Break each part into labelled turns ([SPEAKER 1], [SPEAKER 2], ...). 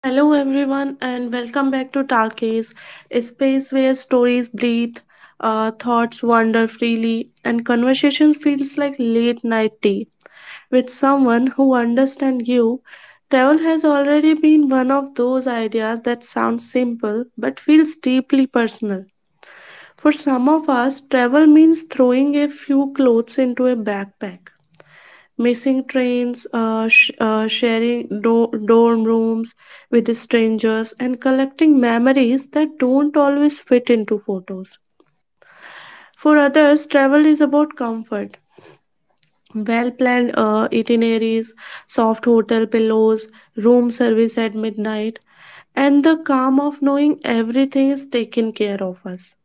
[SPEAKER 1] Hello, everyone, and welcome back to Talkies, a space where stories breathe, thoughts wander freely, and conversations feels like late night tea with someone who understands you. Travel has already been one of those ideas that sounds simple but feels deeply personal. For some of us, travel means throwing a few clothes into a backpack missing trains, sharing dorm rooms with strangers, and collecting memories that don't always fit into photos. For others, travel is about comfort. Well planned itineraries, soft hotel pillows, room service at midnight, and the calm of knowing everything is taken care of us.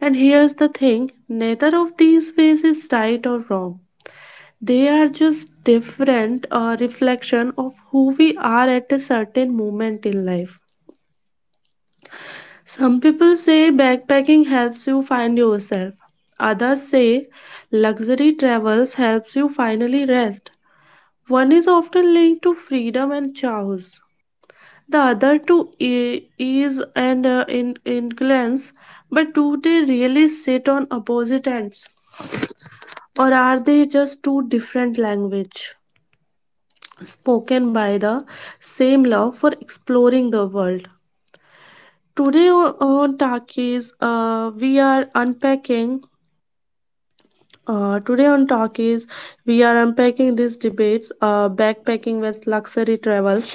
[SPEAKER 1] And here's the thing, neither of these ways is right or wrong. They are just different reflection of who we are at a certain moment in life. Some people say backpacking helps you find yourself. Others say luxury travels helps you finally rest. One is often linked to freedom and chaos. The other to ease and influence. But do they really sit on opposite ends? Or are they just two different language, spoken by the same love for exploring the world? Today o- on Talkies, we are unpacking. Today on Talkies, we are unpacking these debates. Backpacking with luxury travel.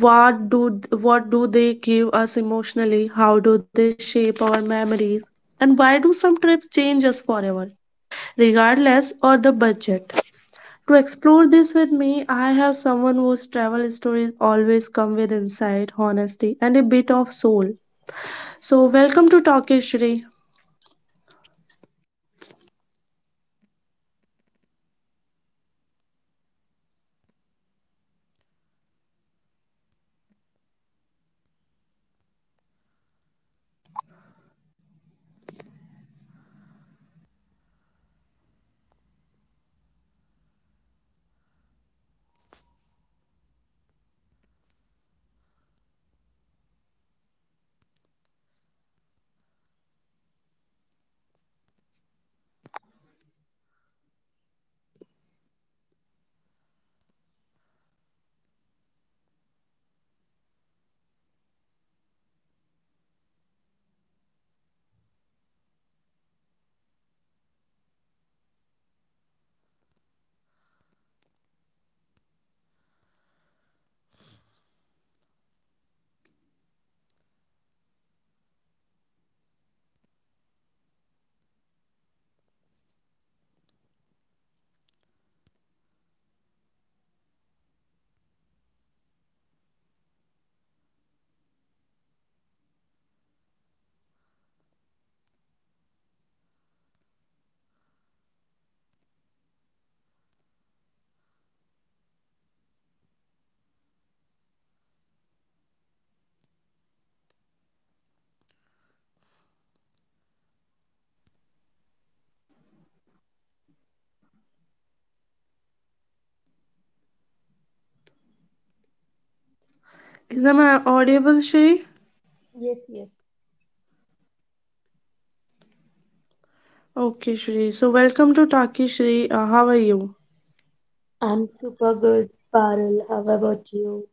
[SPEAKER 1] What do what do they give us emotionally? How do they shape our memories? And why do some trips change us forever, regardless of the budget? To explore this with me, I have someone whose travel stories always come with insight, honesty, and a bit of soul. So, welcome to Talkie Shri. Is am I audible, Shri?
[SPEAKER 2] Yes, yes.
[SPEAKER 1] Okay, Shri. So, welcome to Talkie Shri. How are you?
[SPEAKER 2] I'm super good, Parul. How about you?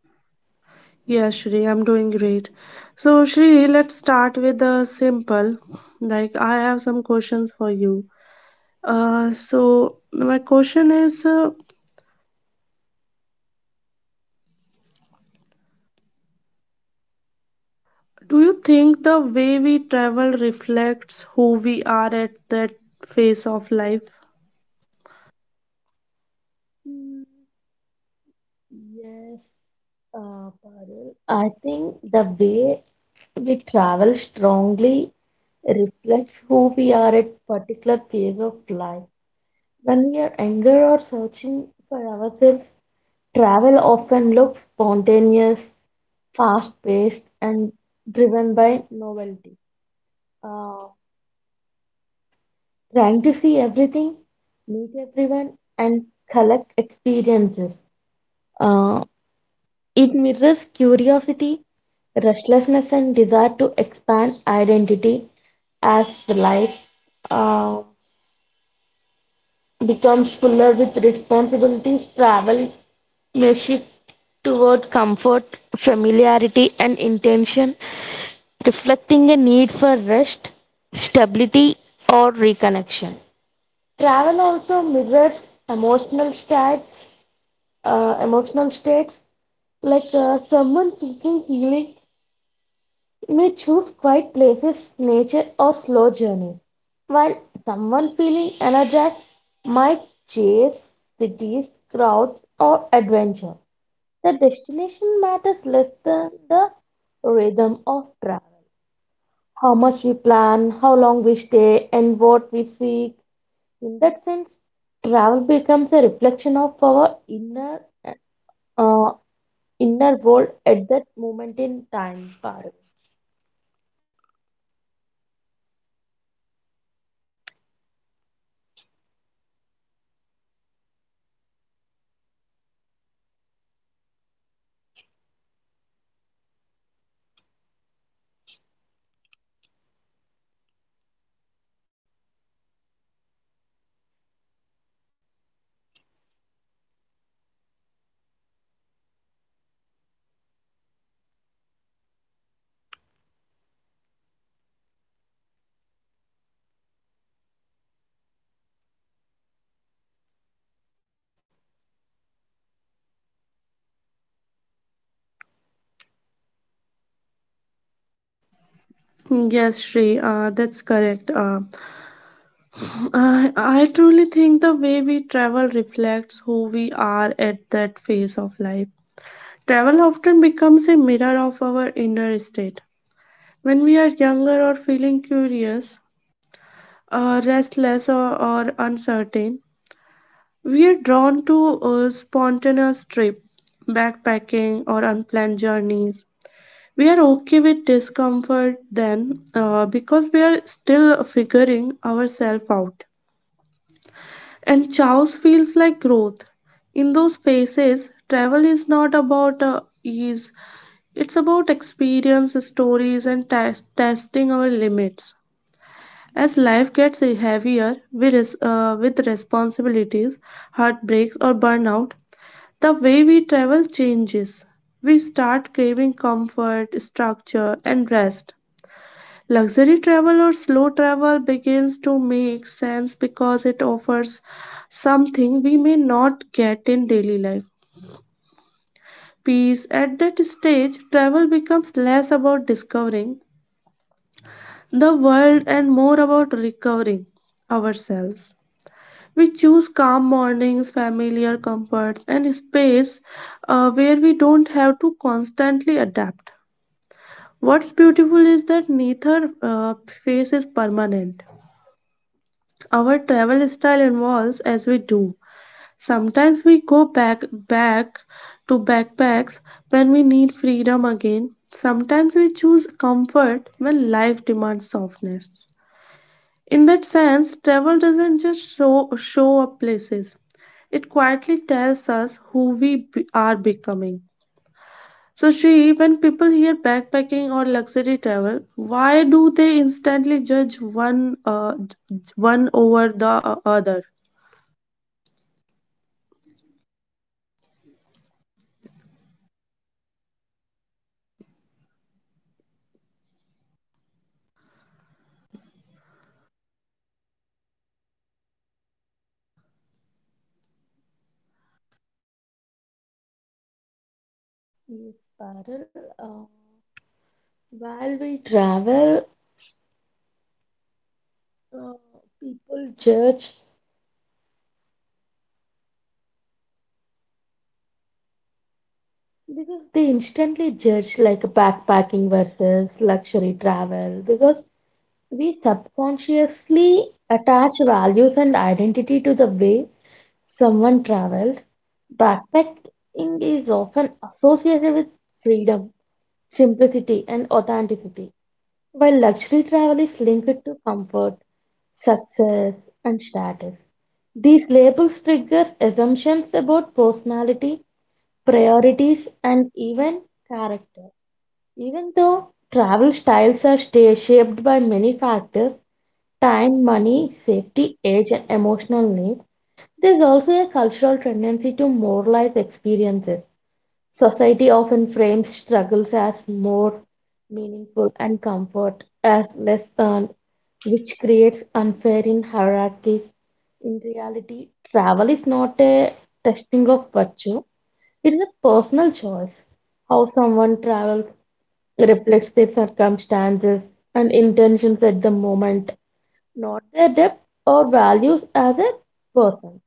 [SPEAKER 1] Yes, Shri, I'm doing great. So, Shri, let's start with the simple. Like, I have some questions for you. So, my question is. Do you think the way we travel reflects who we are at that phase of life?
[SPEAKER 2] Mm, yes, Parul. I think the way we travel strongly reflects who we are at particular phase of life. When we are younger or searching for ourselves, travel often looks spontaneous, fast-paced, and driven by novelty. Uh, trying to see everything, meet everyone, and collect experiences. Uh, it mirrors curiosity, restlessness, and desire to expand identity as life uh, becomes fuller with responsibilities. Travel may shift toward comfort, familiarity, and intention, reflecting a need for rest, stability, or reconnection. Travel also mirrors emotional states, uh, emotional states. Like someone seeking healing may choose quiet places, nature, or slow journeys, while someone feeling energized might chase cities, crowds, or adventure. The destination matters less than the rhythm of travel. How much we plan, how long we stay, and what we seek in that sense, travel becomes a reflection of our uh, inner world at that moment in time. Parul.
[SPEAKER 1] Yes, Shri, that's correct. I truly think the way we travel reflects who we are at that phase of life. Travel often becomes a mirror of our inner state. When we are younger or feeling curious, restless, or uncertain, we are drawn to a spontaneous trip, backpacking, or unplanned journeys. We are okay with discomfort then because we are still figuring ourselves out. And chaos feels like growth. In those phases, travel is not about ease, it's about experience, stories, and testing our limits. As life gets heavier with, with responsibilities, heartbreaks, or burnout, the way we travel changes. We start craving comfort, structure, and rest. Luxury travel or slow travel begins to make sense because it offers something we may not get in daily life. Peace at that stage, travel becomes less about discovering the world and more about recovering ourselves. We choose calm mornings, familiar comforts, and space where we don't have to constantly adapt. What's beautiful is that neither phase is permanent. Our travel style evolves as we do. Sometimes we go back to backpacks when we need freedom again. Sometimes we choose comfort when life demands softness. In that sense, travel doesn't just show up places. It quietly tells us who are becoming. So, Shri, when people hear backpacking or luxury travel, why do they instantly judge one one over the other?
[SPEAKER 2] Yes, Parul. While we travel, uh, people judge because they instantly judge like backpacking versus luxury travel because we subconsciously attach values and identity to the way someone travels, backpacking is often associated with freedom, simplicity, and authenticity, while luxury travel is linked to comfort, success, and status. These labels trigger assumptions about personality, priorities, and even character. Even though travel styles are shaped by many factors time, money, safety, age, and emotional needs, there's also a cultural tendency to moralize experiences. Society often frames struggles as more meaningful and comfort as less earned, which creates unfair in hierarchies. In reality, travel is not a testing of virtue, it is a personal choice. How someone travels reflects their circumstances and intentions at the moment, not their depth or values as a person.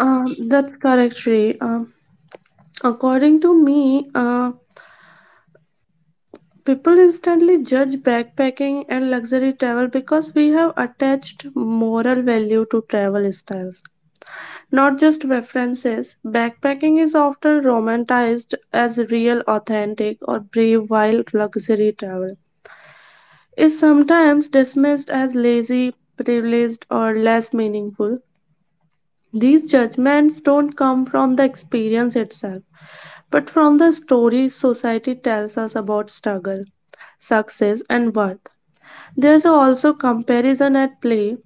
[SPEAKER 1] That's correct, Shri. According to me, people instantly judge backpacking and luxury travel because we have attached moral value to travel styles, not just references. Backpacking is often romanticized as real, authentic, or brave, while luxury travel is sometimes dismissed as lazy, privileged, or less meaningful. These judgments don't come from the experience itself, but from the stories society tells us about struggle, success, and worth. There's also comparison at play.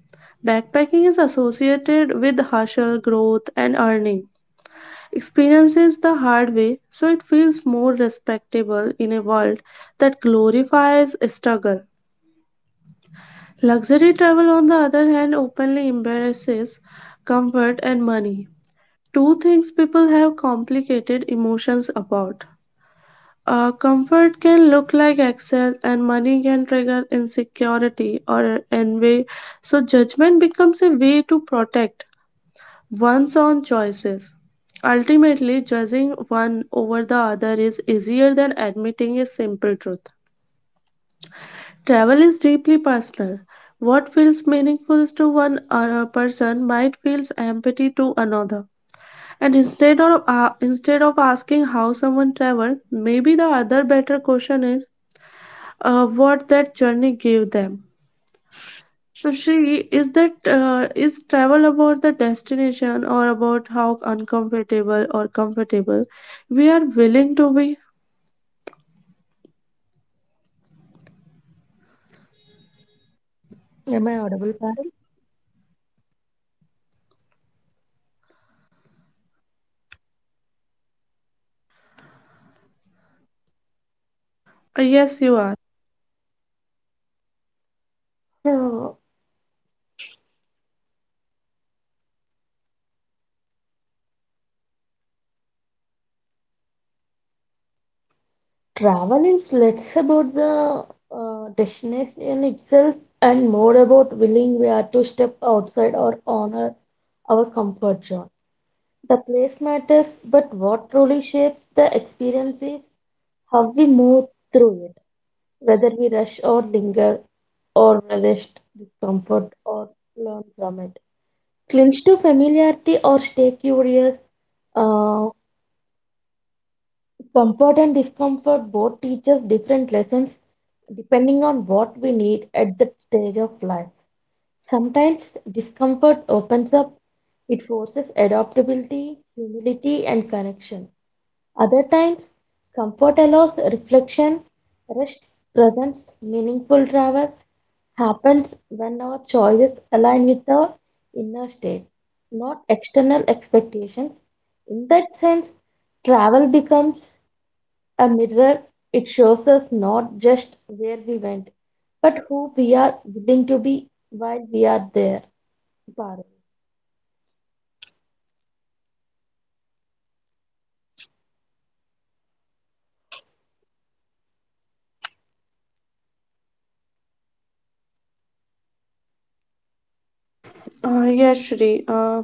[SPEAKER 1] Backpacking is associated with hustle, growth, and earning. Experiences the hard way, so it feels more respectable in a world that glorifies struggle. Luxury travel, on the other hand, openly embraces comfort and money. Two things people have complicated emotions about. Comfort can look like excess, and money can trigger insecurity or envy, so judgment becomes a way to protect one's own choices. Ultimately, judging one over the other is easier than admitting a simple truth. Travel is deeply personal. What feels meaningful to one or person might feel empathy to another. And instead of asking how someone traveled, maybe the other better question is what that journey gave them. So she is that is travel about the destination or about how uncomfortable or comfortable we are willing to be?
[SPEAKER 2] Am I audible? Pam?
[SPEAKER 1] Yes, you are.
[SPEAKER 2] So, travel is less about the destination itself and more about willing we are to step outside or honor our comfort zone. The place matters, but what truly shapes the experience is how we move through it, whether we rush or linger or relish discomfort or learn from it. Clinch to familiarity or stay curious, uh, Comfort and discomfort both teach us different lessons depending on what we need at that stage of life. Sometimes discomfort opens up, it forces adaptability, humility, and connection. Other times, comfort allows reflection, rest, presence, meaningful travel happens when our choices align with our inner state, not external expectations. In that sense, travel becomes a mirror, it shows us not just where we went, but who we are willing to be while we are there. Parul.
[SPEAKER 1] Yes, Shri.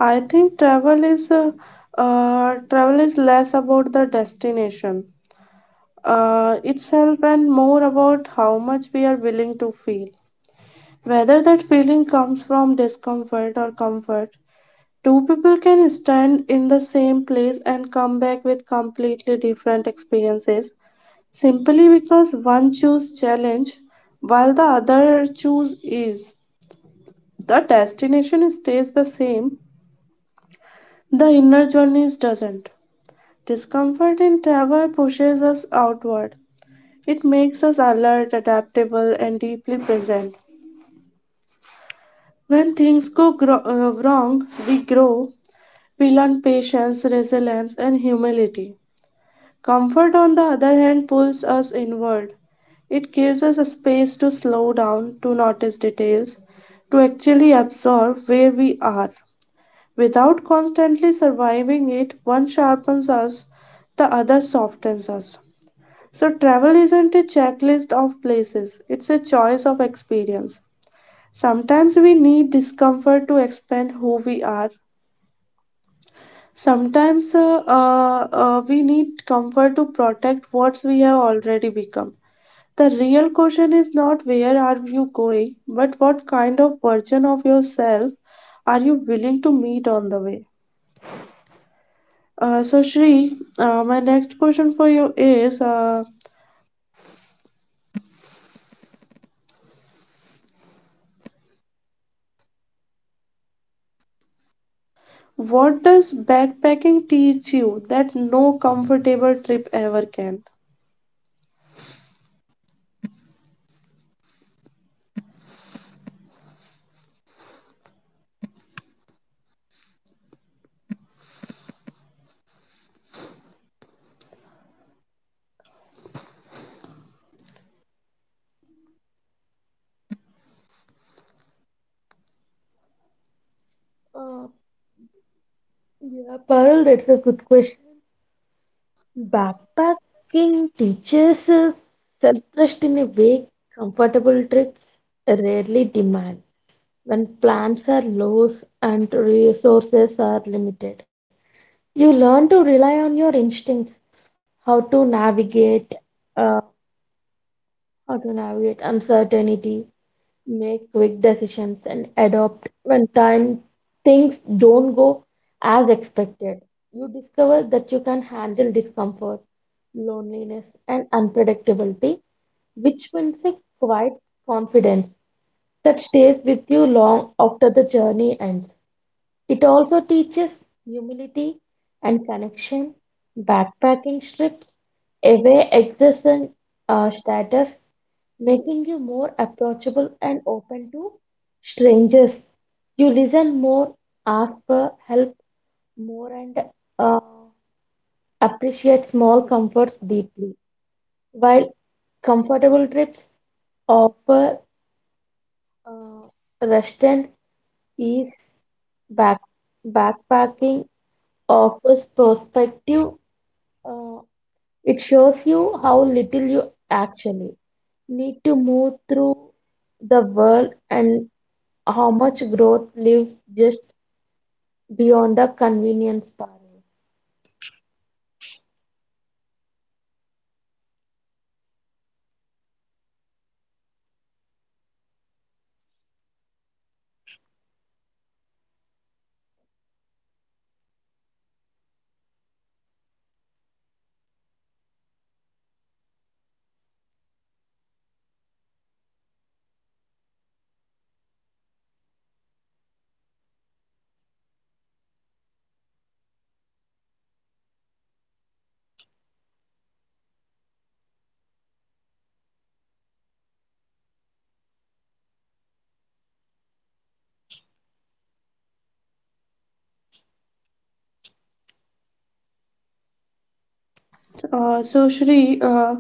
[SPEAKER 1] I think travel is less about the destination itself and more about how much we are willing to feel. Whether that feeling comes from discomfort or comfort, two people can stand in the same place and come back with completely different experiences simply because one chooses challenge while the other chooses ease. The destination stays the same, the inner journeys doesn't. Discomfort in travel pushes us outward. It makes us alert, adaptable, and deeply present. When things go wrong, we grow, we learn patience, resilience, and humility. Comfort, on the other hand, pulls us inward. It gives us a space to slow down, to notice details, to actually absorb where we are. Without constantly surviving it, one sharpens us, the other softens us. So, travel isn't a checklist of places, it's a choice of experience. Sometimes we need discomfort to expand who we are. Sometimes we need comfort to protect what we have already become. The real question is not where are you going, but what kind of version of yourself are you willing to meet on the way? So, Shri, my next question for you is. What does backpacking teach you that no comfortable trip ever can?
[SPEAKER 2] Uh, yeah, Parul, that's a good question. Backpacking teaches us self trust in a way comfortable trips rarely demand. When plans are low and resources are limited, you learn to rely on your instincts, how to navigate, uh, how to navigate uncertainty, make quick decisions and adopt when time things don't go as expected. You discover that you can handle discomfort, loneliness, and unpredictability, which builds a quiet confidence that stays with you long after the journey ends. It also teaches humility and connection. Backpacking trips, away existence status making you more approachable and open to strangers. You listen more, ask for help more, and uh, appreciate small comforts deeply. While comfortable trips offer uh, rest and ease, back, backpacking offers perspective. Uh, it shows you how little you actually need to move through the world and how much growth lives just beyond the convenience parlor?
[SPEAKER 1] So, Shri,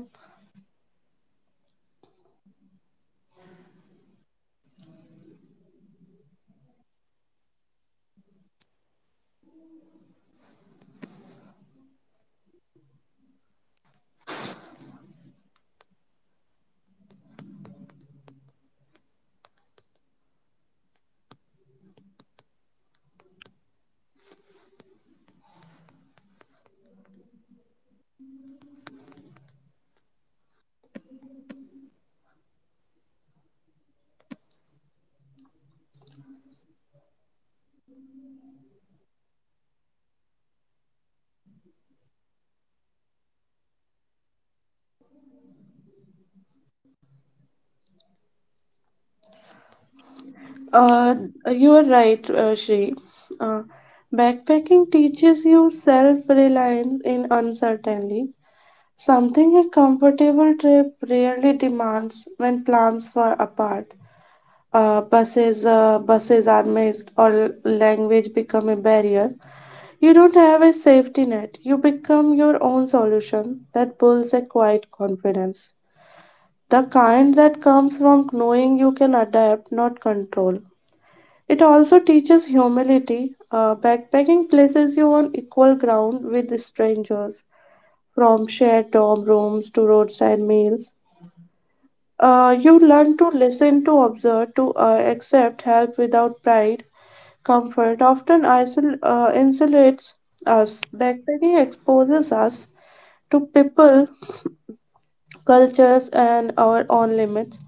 [SPEAKER 1] uh, you are right, Shri. Uh, Backpacking teaches you self reliance in uncertainty, something a comfortable trip rarely demands when plans fall apart. Uh, buses are missed, or language become a barrier. You don't have a safety net. You become your own solution that builds a quiet confidence. The kind that comes from knowing you can adapt, not control. It also teaches humility. Backpacking places you on equal ground with strangers, from shared dorm rooms to roadside meals. You learn to listen, to observe, to accept help without pride. Comfort often insulates us. Backpacking exposes us to people, cultures, and our own limits.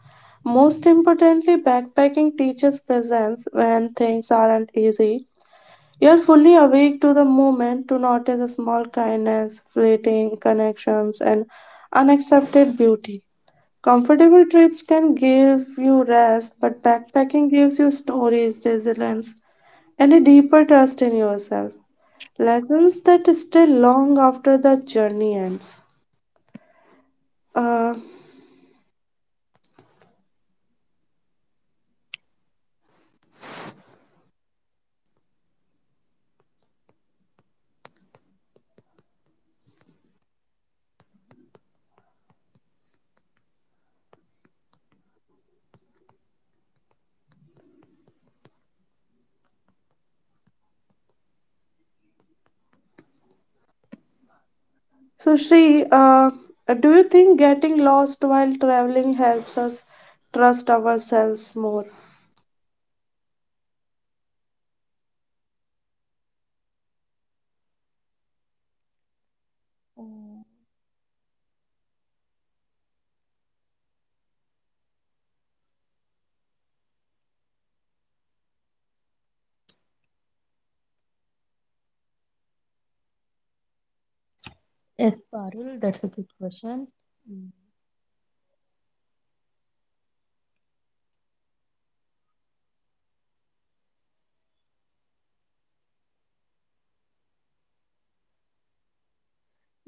[SPEAKER 1] Most importantly, backpacking teaches presence when things aren't easy. You're fully awake to the moment to notice a small kindness, fleeting connections, and unaccepted beauty. Comfortable trips can give you rest, but backpacking gives you stories, resilience, and a deeper trust in yourself. Lessons that stay long after the journey ends. Uh, So, Shri, do you think getting lost while traveling helps us trust ourselves more?
[SPEAKER 2] Oh, yes, Parul, that's a good question. Mm.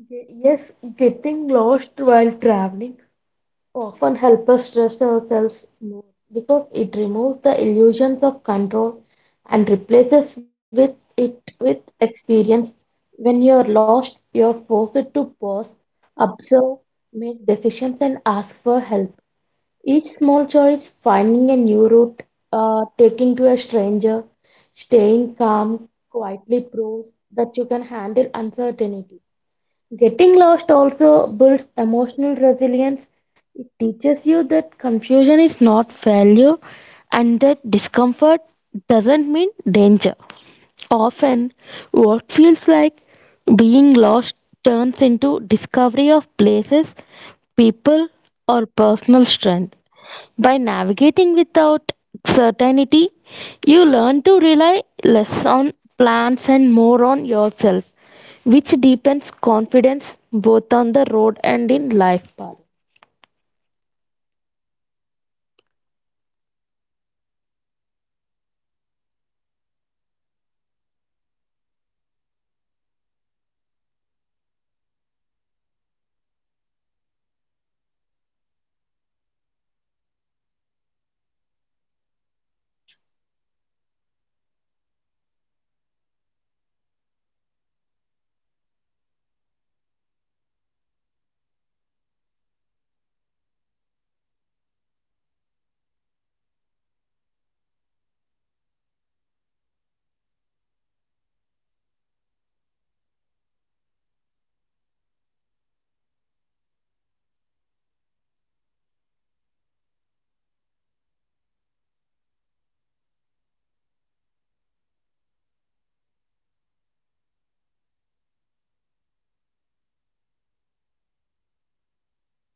[SPEAKER 2] Yes, getting lost while traveling often helps us trust ourselves more because it removes the illusions of control and replaces with it with experience. When you're lost, you're forced to pause, observe, make decisions, and ask for help. Each small choice, finding a new route, taking to a stranger, staying calm, quietly proves that you can handle uncertainty. Getting lost also builds emotional resilience. It teaches you that confusion is not failure and that discomfort doesn't mean danger. Often, what feels like being lost turns into discovery of places, people, or personal strength. By navigating without certainty, you learn to rely less on plans and more on yourself, which deepens confidence both on the road and in life path.